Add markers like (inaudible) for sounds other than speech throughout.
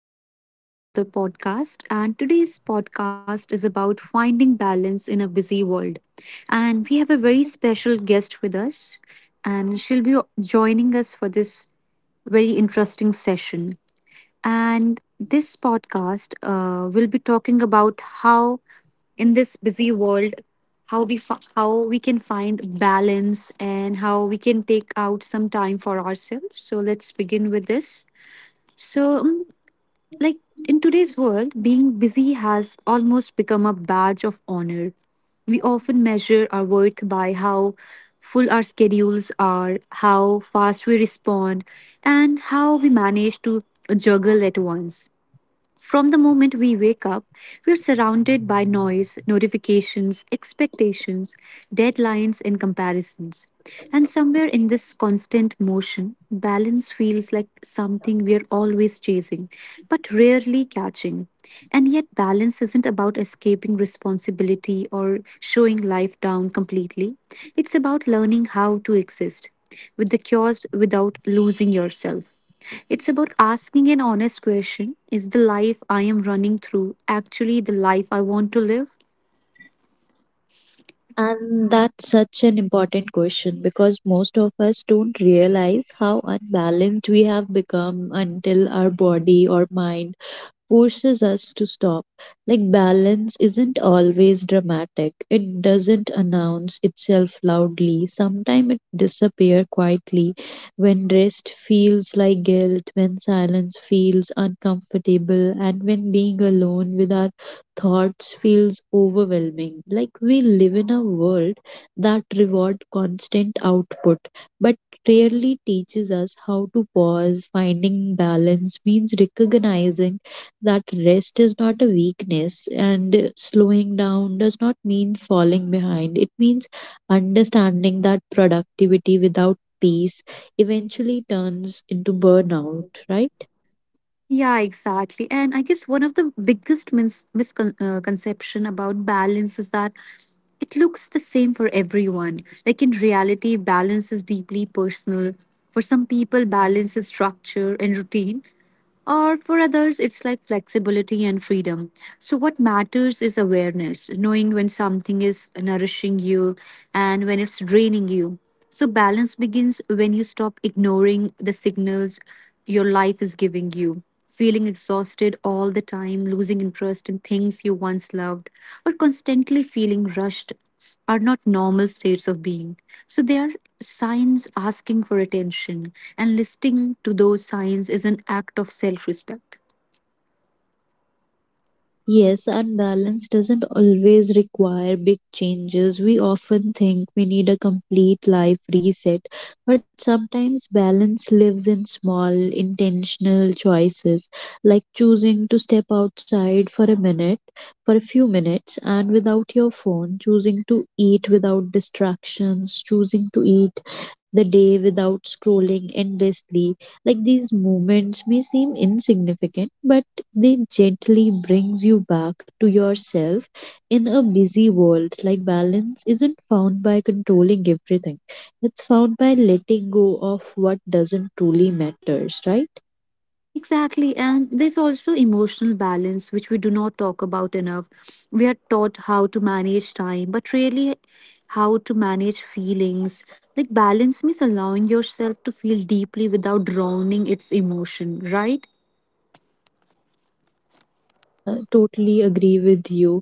everyone. Welcome to the podcast. And today's podcast is about finding balance in a busy world. And we have a very special guest with us, and she'll be joining us for this very interesting session. And this podcast will be talking about how, in this busy world, how we can find balance and how we can take out some time for ourselves. So let's begin with this. So like in today's world, being busy has almost become a badge of honor. We often measure our worth by how full our schedules are, how fast we respond, and how we manage to juggle at once. From the moment we wake up, we're surrounded by noise, notifications, expectations, deadlines, and comparisons. And somewhere in this constant motion, balance feels like something we're always chasing, but rarely catching. And yet, balance isn't about escaping responsibility or showing life down completely. It's about learning how to exist with the chaos without losing yourself. It's about asking an honest question: is the life I am running through actually the life I want to live? And that's such an important question because most of us don't realize how unbalanced we have become until our body or mind forces us to stop. Like, balance isn't always dramatic. It doesn't announce itself loudly. Sometimes it disappears quietly when rest feels like guilt, when silence feels uncomfortable, and when being alone with our thoughts feels overwhelming. Like, we live in a world that reward constant output, but rarely teaches us how to pause. Finding balance means recognizing that rest is not a weakness and slowing down does not mean falling behind. It means understanding that productivity without peace eventually turns into burnout, right? Yeah, exactly. And I guess one of the biggest misconception about balance is that it looks the same for everyone. Like in reality, balance is deeply personal. For some people, balance is structure and routine. Or for others, it's like flexibility and freedom. So, what matters is awareness, knowing when something is nourishing you and when it's draining you. So, balance begins when you stop ignoring the signals your life is giving you, feeling exhausted all the time, losing interest in things you once loved, or constantly feeling rushed are not normal states of being. So they are signs asking for attention, and listening to those signs is an act of self respect. Yes, and doesn't always require big changes. We often think we need a complete life reset, but sometimes balance lives in small, intentional choices, like choosing to step outside for a minute, for a few minutes, and without your phone, choosing to eat without distractions, choosing to eat the day without scrolling endlessly. Like, these moments may seem insignificant, but they gently brings you back to yourself in a busy world. Like, balance isn't found by controlling everything, it's found by letting go of what doesn't truly matters, right? Exactly, and there's also emotional balance, which we do not talk about enough. We are taught how to manage time, but really how to manage feelings. Like, balance means allowing yourself to feel deeply without drowning its emotion, right? Yeah, totally agree with you.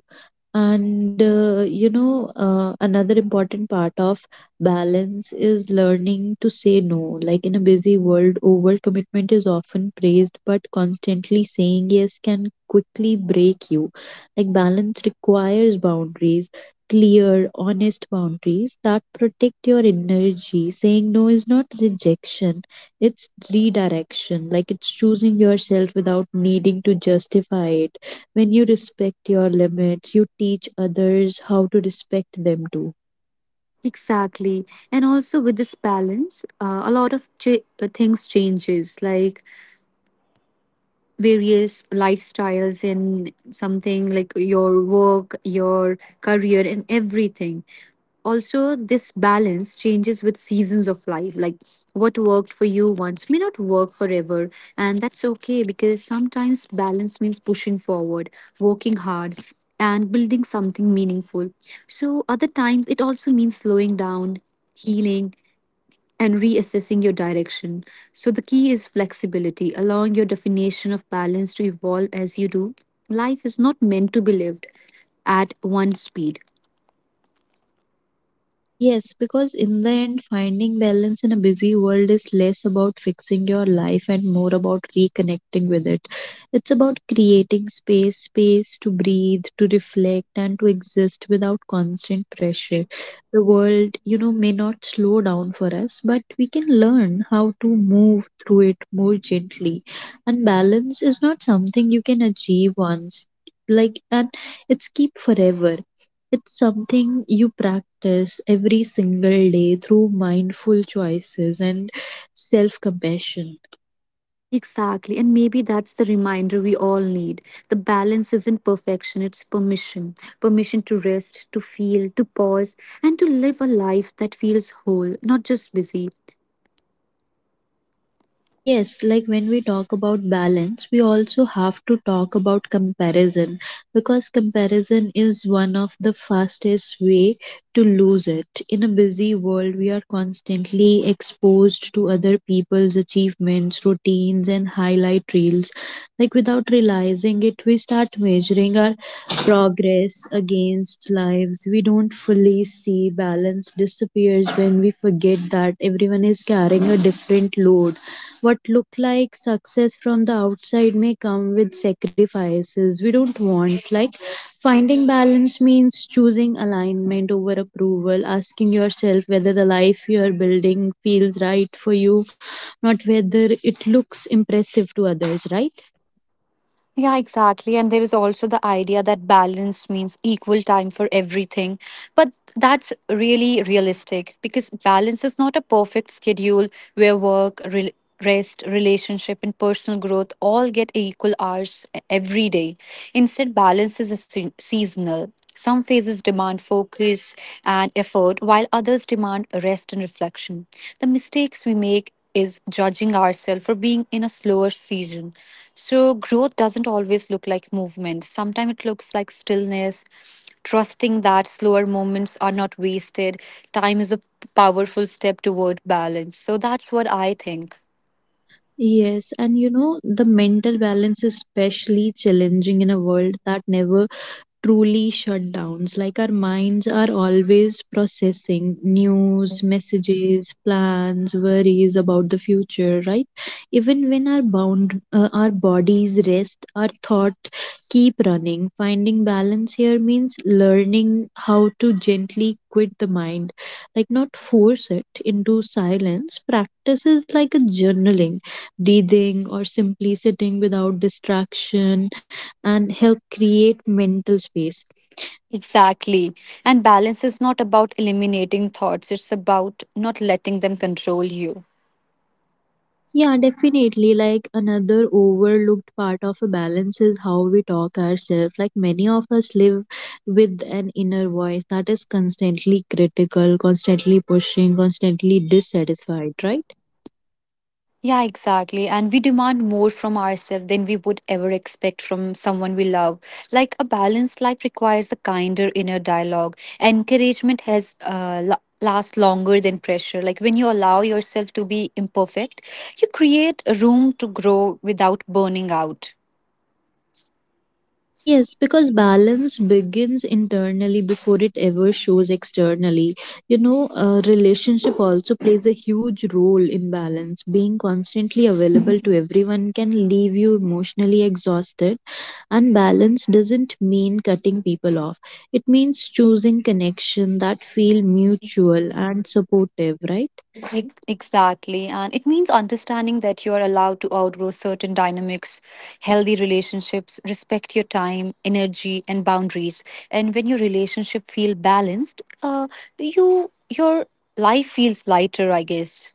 And you know, another important part of balance is learning to say no. Like, in a busy world, overcommitment is often praised, but constantly saying yes can quickly break you. Like, balance requires boundaries, clear, honest boundaries that protect your energy. Saying no is not rejection, it's redirection. Like, it's choosing yourself without needing to justify it. When you respect your limits, you teach others how to respect them too. Exactly. And also with this balance, a lot of things changes. Like various lifestyles in something like your work, your career, and everything. Also, this balance changes with seasons of life. Like what worked for you once may not work forever, and that's okay because sometimes balance means pushing forward, working hard, and building something meaningful. So, other times it also means slowing down. Healing and reassessing your direction. So, the key is flexibility, allowing your definition of balance to evolve as you do. Life is not meant to be lived at one speed. Yes, because in the end, finding balance in a busy world is less about fixing your life and more about reconnecting with it. It's about creating space, space to breathe, to reflect, and to exist without constant pressure. The world, you know, may not slow down for us, but we can learn how to move through it more gently. And balance is not something you can achieve once. Like, and it's keep forever, it's something you practice every single day through mindful choices and self compassion. Exactly, and maybe that's the reminder we all need. The balance isn't perfection, it's permission. Permission to rest, to feel, to pause, and to live a life that feels whole, not just busy. Yes, like when we talk about balance, we also have to talk about comparison because comparison is one of the fastest way to lose it. In a busy world, we are constantly exposed to other people's achievements, routines and highlight reels. Like, without realizing it, we start measuring our progress against lives. We don't fully see balance disappears when we forget that everyone is carrying a different load. What look like success from the outside may come with sacrifices we don't want. Like, finding balance means choosing alignment over approval, asking yourself whether the life you are building feels right for you, not whether it looks impressive to others, right? Yeah, exactly. And there is also the idea that balance means equal time for everything. But that's really realistic because balance is not a perfect schedule where rest, relationship, and personal growth all get equal hours every day. Instead, balance is a seasonal. Some phases demand focus and effort, while others demand rest and reflection. The mistakes we make is judging ourselves for being in a slower season. So, growth doesn't always look like movement. Sometimes it looks like stillness, trusting that slower moments are not wasted. Time is a powerful step toward balance. So, that's what I think. Yes, and you know, the mental balance is especially challenging in a world that never truly shutdowns. Like, our minds are always processing news, messages, plans, worries about the future, right? Even when our bound our bodies rest, our thought keep running. Finding balance here means learning how to gently quit the mind, like not force it into silence. Practices like a journaling, breathing, or simply sitting without distraction and help create mental space. Exactly. And balance is not about eliminating thoughts, it's about not letting them control you. Yeah, definitely. Like, another overlooked part of a balance is how we talk ourselves. Like, many of us live with an inner voice that is constantly critical, constantly pushing, constantly dissatisfied, right? Yeah, exactly. And we demand more from ourselves than we would ever expect from someone we love. Like a balanced life requires a kinder inner dialogue. Encouragement has last longer than pressure. Like when you allow yourself to be imperfect, you create room to grow without burning out. Yes, because balance begins internally before it ever shows externally. You know, a relationship also plays a huge role in balance. Being constantly available to everyone can leave you emotionally exhausted, and balance doesn't mean cutting people off. It means choosing connection that feel mutual and supportive, right? Exactly. And it means understanding that you are allowed to outgrow certain dynamics, healthy relationships, respect your time, energy, and boundaries. And when your relationship feel balanced, you your life feels lighter, I guess.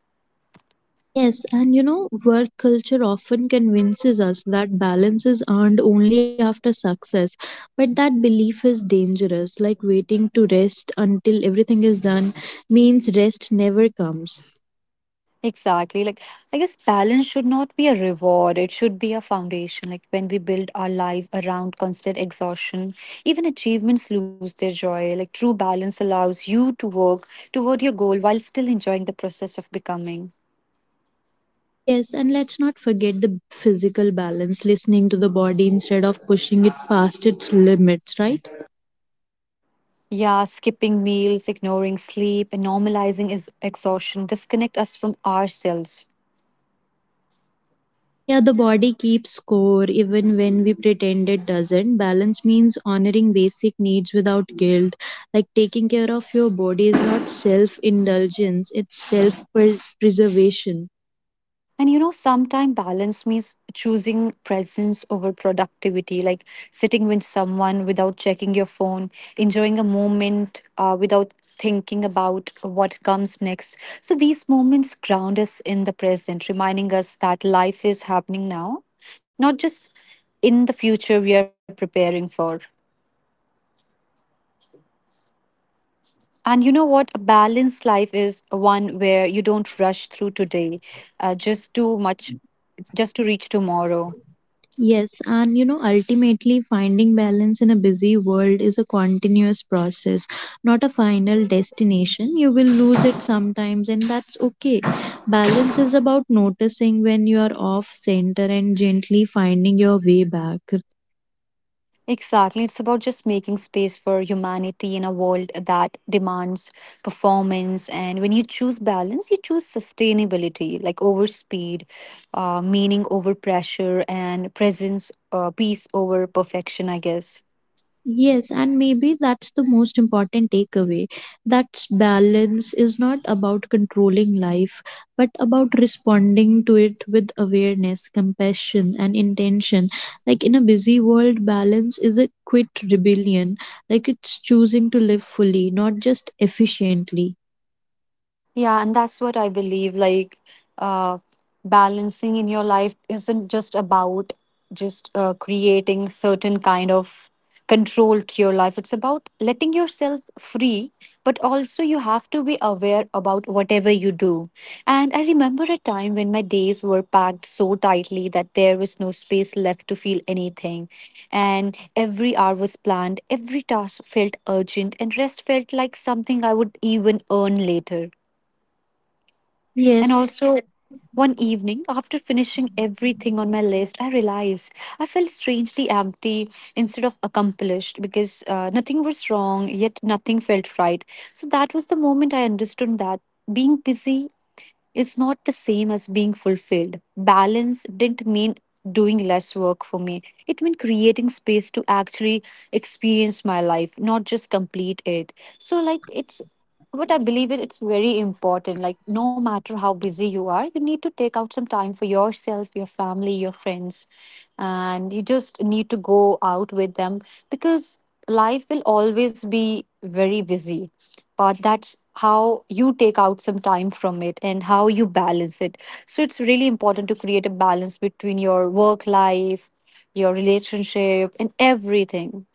Yes, and you know, work culture often convinces us that balance is earned only after success, but that belief is dangerous. Like, waiting to rest until everything is done means rest never comes. Exactly. Like, I guess balance should not be a reward. It should be a foundation. Like, when we build our life around constant exhaustion, even achievements lose their joy. Like, true balance allows you to work toward your goal while still enjoying the process of becoming. Yes, and let's not forget the physical balance, listening to the body instead of pushing it past its limits, right? Yeah, skipping meals, ignoring sleep, and normalizing is exhaustion disconnect us from ourselves. Yeah, the body keeps score even when we pretend it doesn't. Balance means honoring basic needs without guilt. Like, taking care of your body is not self indulgence, it's self preservation. And you know, sometimes balance means choosing presence over productivity, like sitting with someone without checking your phone, enjoying a moment without thinking about what comes next. So these moments ground us in the present, reminding us that life is happening now, not just in the future we are preparing for. Yeah, a balanced life is one where And you you know what? don't A rush balanced through. life is one where you don't rush through today just too much, just to reach tomorrow. Yes, and you know, ultimately, finding balance in a busy world is a continuous process, not a final destination. You will lose it sometimes, and that's okay. Balance is about noticing when you are off center and gently finding your way back. Exactly. It's about just making space for humanity in a world that demands performance. And when you choose balance, you choose sustainability, like over speed, meaning over pressure, and presence, peace over perfection, I guess. Yes, and maybe that's the most important takeaway. That balance is not about controlling life, but about responding to it with awareness, compassion, and intention. Like, in a busy world, balance is a quit rebellion. Like, it's choosing to live fully, not just efficiently. Yeah, and that's what I believe. Uh, Balancing in your life isn't just about just creating certain kind of control to your life. It's about letting yourself free, but also you have to be aware about whatever you do. And I remember a time when my days were packed so tightly that there was no space left to feel anything. And every hour was planned, every task felt urgent, and rest felt like something I would even earn later. And Yes. also, one evening, after finishing everything on my list, I realized I felt strangely empty instead of accomplished because nothing was wrong, yet nothing felt right. So that was the moment I understood that being busy is not the same as being fulfilled. Balance didn't mean doing less work for me, it meant creating space to actually experience my life, not just complete it. So, like, it's but I believe it, it's very important. Like, no matter how busy you are, you need to take out some time for yourself, your family, your friends, and you just need to go out with them because life will always be very busy. But that's how you take out some time from it and how you balance it. So, it's really important to create a balance between your work life, your relationship, and everything.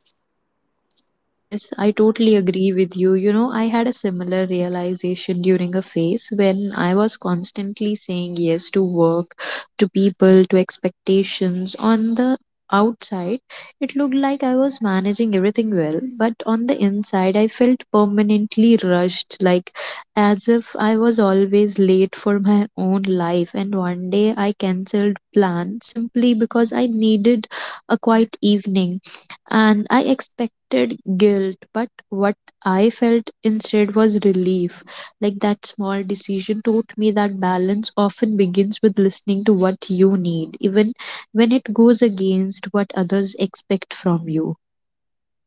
Yes, I totally agree with you. You know, I had a similar realization during a phase when I was constantly saying yes to work, to people, to expectations. On the outside, it looked like I was managing everything well, but on the inside, I felt permanently rushed, like as if I was always late for my own life. And one day I cancelled plan simply because I needed a quiet evening, and I expected guilt, but what I felt instead was relief. Like, that small decision taught me that balance often begins with listening to what you need, even when it goes against what others expect from you.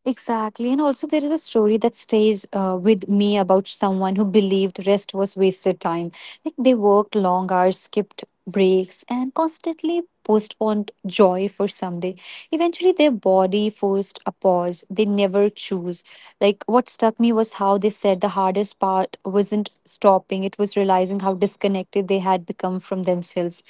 Exactly. And also, there is a story that stays with me about someone who believed rest was wasted time. Like they worked long hours, skipped breaks, and constantly postponed joy for someday. Eventually, their body forced a pause. They never choose. Like what struck me was how they said the hardest part wasn't stopping, it was realizing how disconnected they had become from themselves.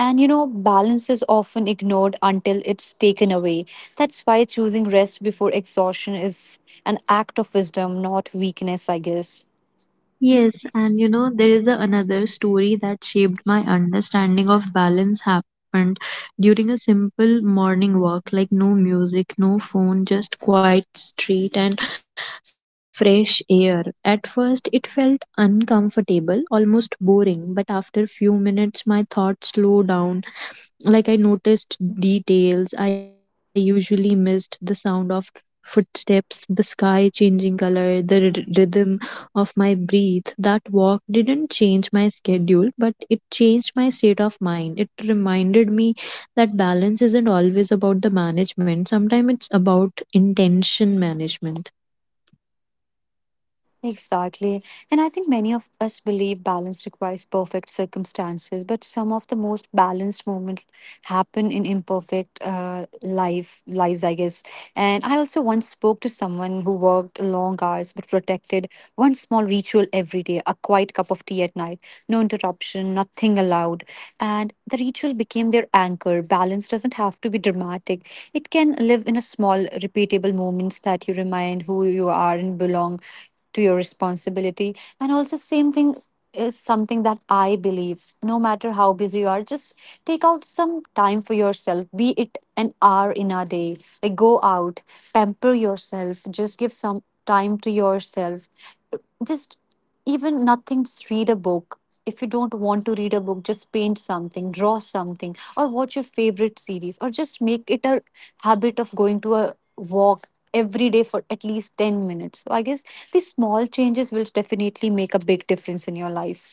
And you know, balance is often ignored until it's taken away. That's why choosing rest before exhaustion is an act of wisdom, not weakness, I guess. Yes, and you know, there is a, another story that shaped my understanding of balance happened during a simple morning walk, like no music, no phone, just quiet street and fresh air. At first, it felt uncomfortable, almost boring, but after few minutes, my thoughts slowed down. Like, I noticed details I usually missed, the sound of footsteps, the sky changing color, the rhythm of my breath. That walk didn't change my schedule, but it changed my state of mind. It reminded me that balance isn't always about the management, sometimes it's about intention management. Exactly. And I think many of us believe balance requires perfect circumstances, but some of the most balanced moments happen in imperfect life lives, I guess. And I also once spoke to someone who worked long hours but protected one small ritual every day, a quiet cup of tea at night, no interruption, nothing allowed. And the ritual became their anchor. Balance doesn't have to be dramatic. It can live in a small, repeatable moments that you remind who you are and belong to your responsibility. And also, same thing is something that I believe. No matter how busy you are, just take out some time for yourself. Be it an hour in a day. Like go out, pamper yourself, just give some time to yourself, just even nothing, just read a book. If you don't want to read a book, just paint something, draw something, or watch your favorite series, or just make it a habit of going to a walk every day for at least 10 minutes. So I guess these small changes will definitely make a big difference in your life.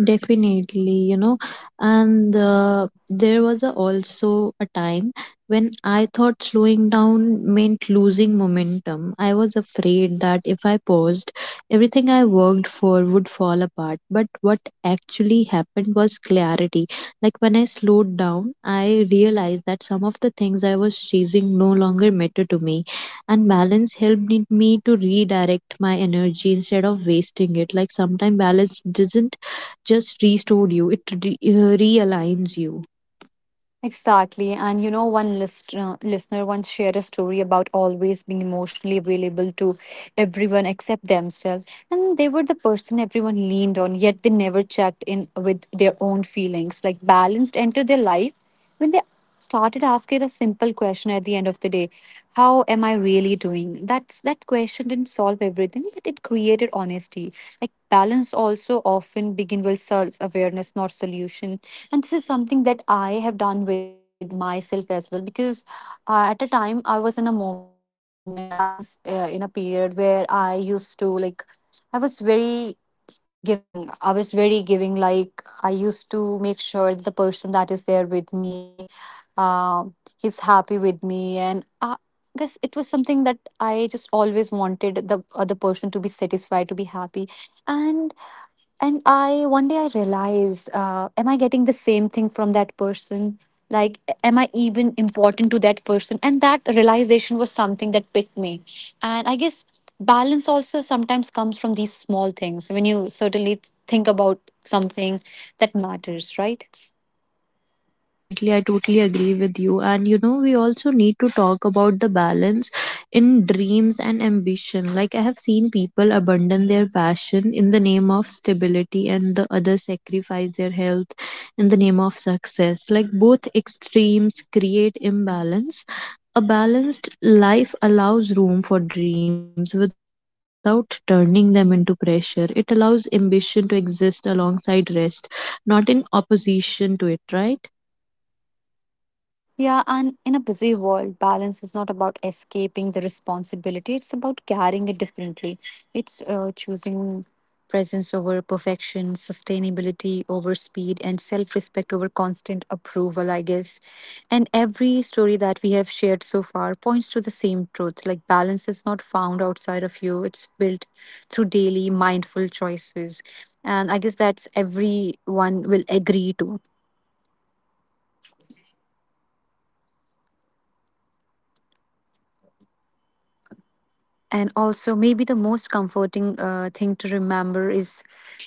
Definitely, you know, and there was a, also a time when I thought slowing down meant losing momentum. I was afraid that if I paused, everything I worked for would fall apart. But what actually happened was clarity. Like, when I slowed down, I realized that some of the things I was chasing no longer mattered to me, and balance helped me to redirect my energy instead of wasting it. Like, sometimes balance doesn't just restored you, it realigns you. Exactly. And you know, listener once shared a story about always being emotionally available to everyone except themselves. And they were the person everyone leaned on, yet they never checked in with their own feelings. Like balanced entered their life when they started asking a simple question at the end of the day: how am I really doing? That question didn't solve everything, but it created honesty. Like balance also often begin with self awareness, not solution. And this is something that I have done with myself as well because at a time I was in a moment, I was in a period where I used to like, I was very giving. I was very giving. Like, I used to make sure the person that is there with me uh, he's happy with me, and I guess it was something that I just always wanted the other person to be satisfied, to be happy. And I one day, I realized, am I getting the same thing from that person? Like, am I even important to that person? And that realization was something that picked me. And I guess balance also sometimes comes from these small things when you certainly think about something that matters, right? Yeah, definitely. I totally agree with you. And you know, we also need to talk about the balance in dreams and ambition. Like, I have seen people abandon their passion in the name of stability, and the other sacrifice their health in the name of success. Like, both extremes create imbalance. A balanced life allows room for dreams without turning them into pressure. It allows ambition to exist alongside rest, not in opposition to it, right? Yeah, and in a busy world, balance is not about escaping the responsibility. It's about carrying it differently. It's choosing presence over perfection, sustainability over speed, and self respect over constant approval, I guess. And every story that we have shared so far points to the same truth, like balance is not found outside of you, it's built through daily mindful choices. And I guess that's everyone will agree to. I guess your voice was breaking in between. And also, maybe the most comforting thing to remember is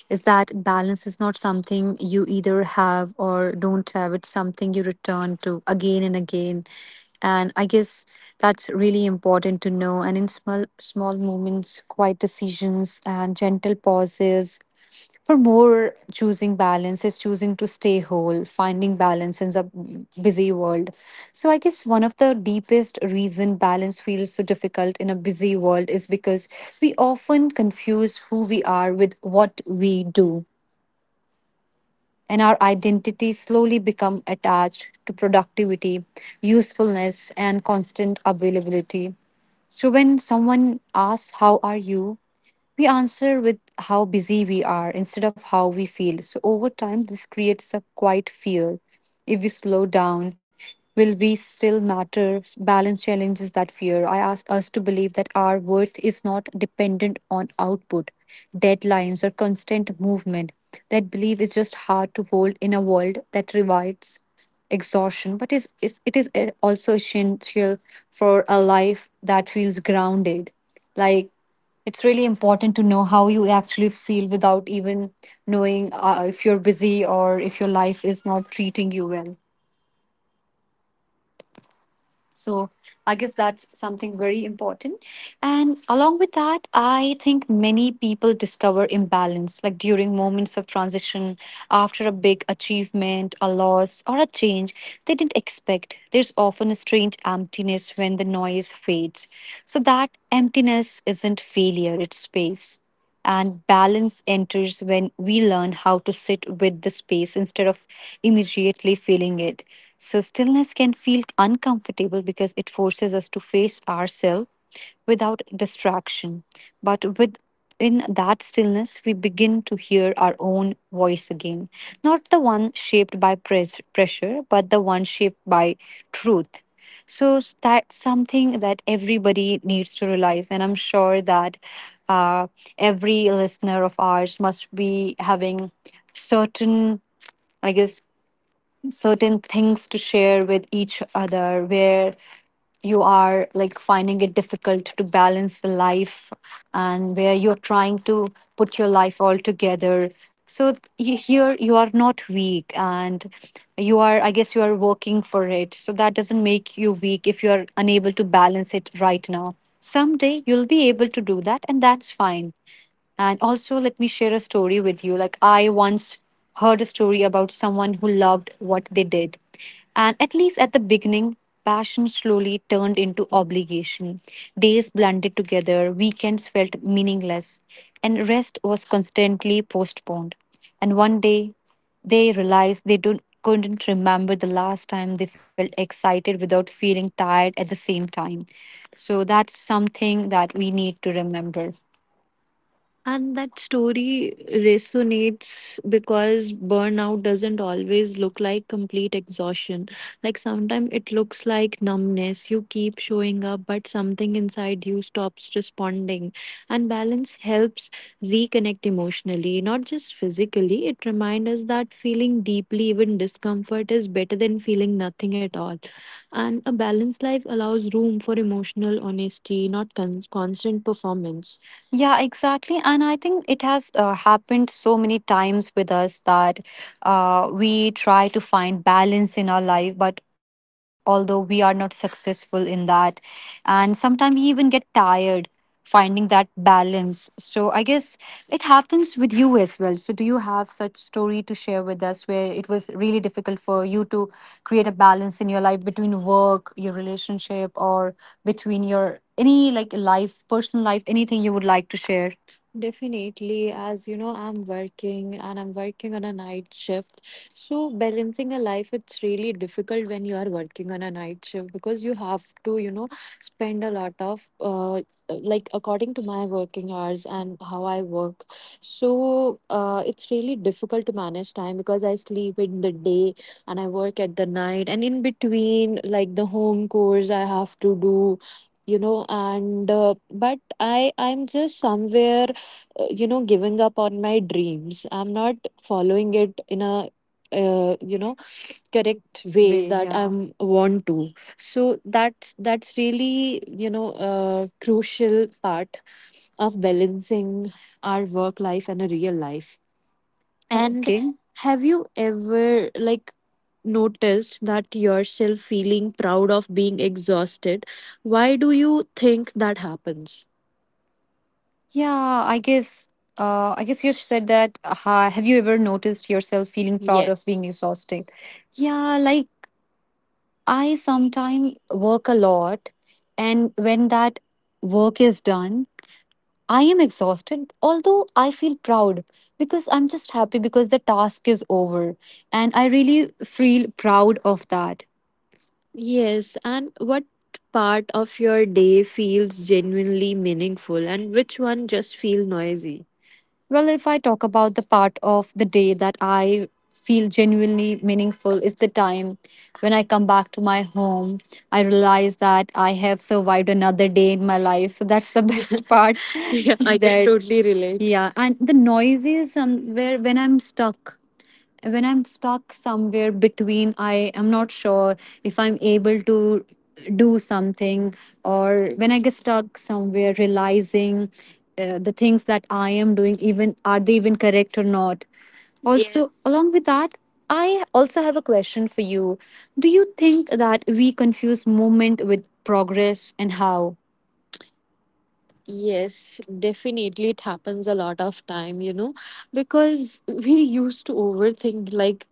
that balance is not something you either have or don't have, it's something you return to again and again. And I guess that's really important to know. And in small, small moments, quiet decisions, and gentle pauses for more, choosing balance is choosing to stay whole, finding balance in a busy world. So, I guess one of the deepest reason balance feels so difficult in a busy world is because we often confuse who we are with what we do, and our identity slowly become attached to productivity, usefulness, and constant availability. So, when someone asks, "How are you?" We answer with how busy we are instead of how we feel. So over time, this creates a quiet fear. If we slow down, will we still matter? Balance challenges that fear. I ask us to believe that our worth is not dependent on output, deadlines, or constant movement. That belief is just hard to hold in a world that rewards exhaustion, but is it is also essential for a life that feels grounded. Like, it's really important to know how you actually feel without even knowing, if you're busy or if your life is not treating you well. So, I guess that's something very important. And along with that, I think many people discover imbalance, like during moments of transition, after a big achievement, a loss, or a change they didn't expect. There's often a strange emptiness when the noise fades. So, that emptiness isn't failure, it's space, and balance enters when we learn how to sit with the space instead of immediately filling it. So, stillness can feel uncomfortable because it forces us to face ourselves without distraction. But with in that stillness, we begin to hear our own voice again. Not the one shaped by pressure, but the one shaped by truth. So that's something that everybody needs to realize. And I'm sure that uh, every listener of ours must be having certain, I guess, certain things to share with each other where you are like finding it difficult to balance the life, and where you're trying to put your life all together. So you, here you are not weak, and you are, I guess you are working for it, so that doesn't make you weak if you are unable to balance it right now. Someday you'll be able to do that, and that's fine. And also, let me share a story with you. Like, I once heard a story about someone who loved what they did. And at least at the beginning, passion slowly turned into obligation. Days blended together, weekends felt meaningless, and rest was constantly postponed. And one day, they realized they don't, couldn't remember the last time they felt excited without feeling tired at the same time. So, that's something that we need to remember. And like complete exhaustion. Like sometimes it looks like numbness. You keep showing up, but something inside you stops responding. And balance helps reconnect emotionally, not just physically. It reminds us that feeling deeply, even discomfort, is better than feeling nothing at all. And a balanced life allows room for emotional honesty, not constant performance. Yeah, exactly. And I think it has happened so many times with us that we try to find balance in our life, but although we are not successful in that, and sometimes we even get tired finding that balance. So I guess it happens with you as well. So do you have such story to share with us where it was really difficult for you to create a balance in your life between work, your relationship, or between your any like life, personal life, anything you would like to share? Definitely, as you know, I'm working and I'm working on a night shift. So, balancing a life, it's really difficult when you are working on a night shift because you have to, you know, spend a lot of, like, according to my working hours and how I work. So, it's really difficult to manage time because I sleep in the day and I work at the night, and in between, like, the home chores I have to do. You know, and but I'm just somewhere, you know, giving up on my dreams. I'm not following it in a, you know, correct way. Way, that, yeah. I'm want to, so that's really, you know, a crucial part of balancing our work life and a real life. And okay, have you ever like noticed that yourself feeling proud of being exhausted? Why do you think that happens? Yeah, I guess. I guess you said that. Have you ever noticed yourself feeling proud of, yes, being exhausted? Yeah, like I sometimes work a lot, and when that work is done, I am exhausted. Although I feel proud because I'm just happy because the task is over, and I really feel proud of that. Yes. And what part of your day feels genuinely meaningful and which one just feel noisy? Well, if I talk about the part of the day that I feel genuinely meaningful is the time when I come back to my home. I realize that I have survived another day in my life. So that's the (laughs) best part. (laughs) Yeah, I can that totally relate. Yeah, and the noise is somewhere when I'm stuck, somewhere between, I am not sure if I'm able to do something, or when I get stuck somewhere, realizing the things that I am doing, even are they even correct or not. Also, yes, along with that, I also have a question for you. Do you think that we confuse movement with progress and how? Yes, definitely it happens a lot of time, you know, because (laughs) we used to overthink like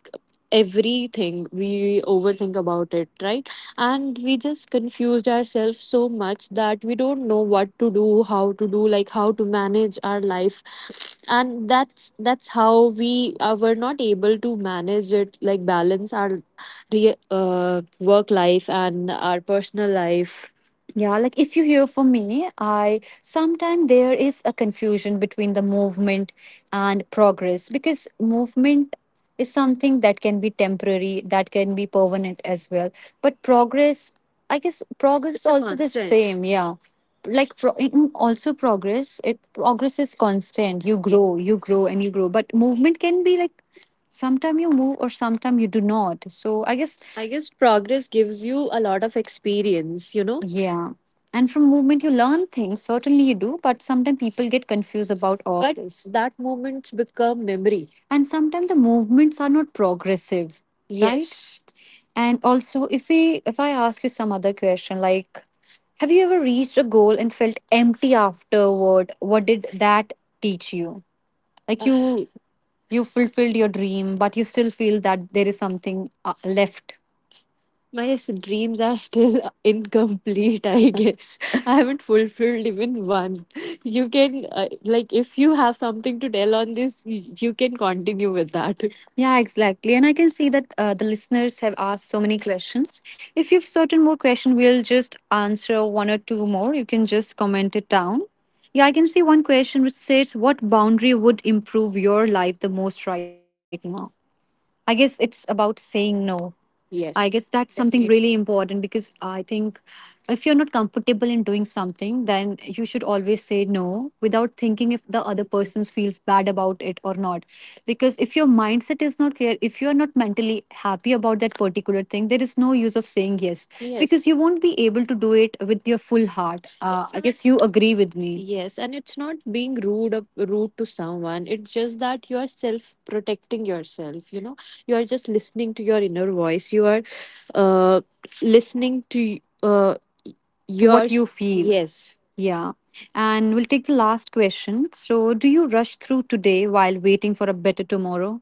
everything. We overthink about it, right? And we just confused ourselves so much that we don't know what to do, how to do, like how to manage our life. And that's how we, were not able to manage it, like balance our work life and our personal life. Yeah, like if you hear from me, I sometimes there is a confusion between the movement and progress, because movement is something that can be temporary, that can be permanent as well. But progress, I guess progress it's is a also the constant. Same, yeah, like also progress, it progress is constant, you grow, you grow and you grow, but movement can be like sometime you move or sometime you do not. So I guess progress gives you a lot of experience, you know? Yeah, and from movement you learn things, certainly you do, but sometimes people get confused about all. But this that moments become memory. And sometimes the movements are not progressive, right? Yes. And also, if I ask you some other question, like, have you ever reached a goal and felt empty afterward? What did that teach you? Like you fulfilled your dream, but you still feel that there is something left. My dreams are still (laughs) incomplete, I guess. I haven't fulfilled even one. You can, like, if you have something to tell on this, you can continue with that. Yeah, exactly. And I can see that the listeners have asked so many questions. If you have certain more questions, we'll just answer one or two more. You can just comment it down. Yeah, I can see one question which says, what boundary would improve your life the most right now? I guess it's about saying no. Yes, I guess that's something definitely really important, because I think if you're not comfortable in doing something, then you should always say no without thinking if the other person feels bad about it or not. Because if your mindset is not clear, if you're not mentally happy about that particular thing, there is no use of saying yes. Yes. Because you won't be able to do it with your full heart. It's I not guess you agree with me. Yes, and it's not being rude up, rude to someone. It's just that you are self protecting yourself. You know, you are just listening to your inner voice. You are, uh, listening to uh, to your what you feel. Yes. Yeah. And we'll take the last question. So, do you rush through today while waiting for a better tomorrow?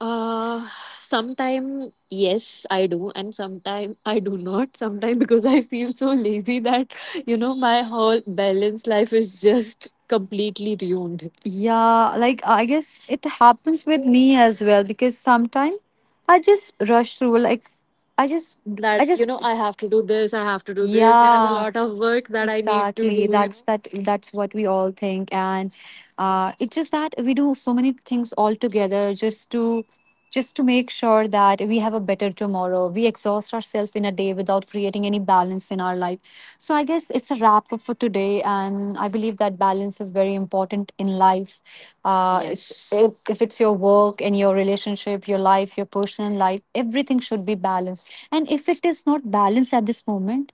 Uh, sometime yes, I do, and sometime I do not. Sometime (laughs) because I feel so lazy that you know my whole balanced life is just completely ruined. Yeah, like I guess it happens with me as well, because sometimes I just rush through. Like I That you just, know, I have to do this, I have to do this. There's a, yeah, lot of work that I need to, exactly, do. You That's know. That. That's what we all think, and it's just that we do so many things all together just to make sure that we have a better tomorrow. We exhaust ourselves in a day without creating any balance in our life. So I guess it's a wrap up for today, and I believe that balance is very important in life. It's, yes, if it's your work and your relationship, your life, your personal life, everything should be balanced. And if it is not balanced at this moment.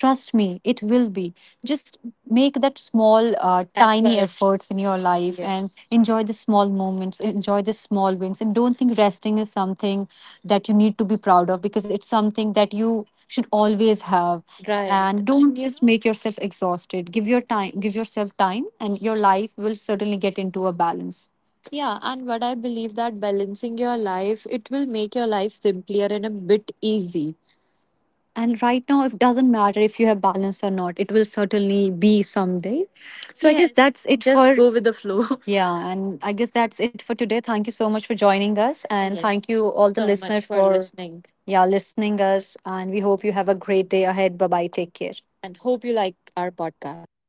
Trust me, it will be. Just make that small, tiny effort, efforts in your life, yes, and enjoy the small moments, enjoy the small wins. And don't think resting is something that you need to be proud of because it's something that you should always have. Right. And don't, you just know- make yourself exhausted. Give your time, give yourself time, and your life will certainly get into a balance. Yeah, and what I believe that balancing your life, it will make your life simpler and a bit easy. And right now, it doesn't matter if you have balance or not. It will certainly be someday. So I guess, yes, that's it, just for go with the flow. (laughs) Yeah, and I guess that's it for today. Thank you so much for joining us, and yes, thank you all the so much listeners for listening, yeah, listening us. And we hope you have a great day ahead. Bye bye. Take care. And hope you like our podcast.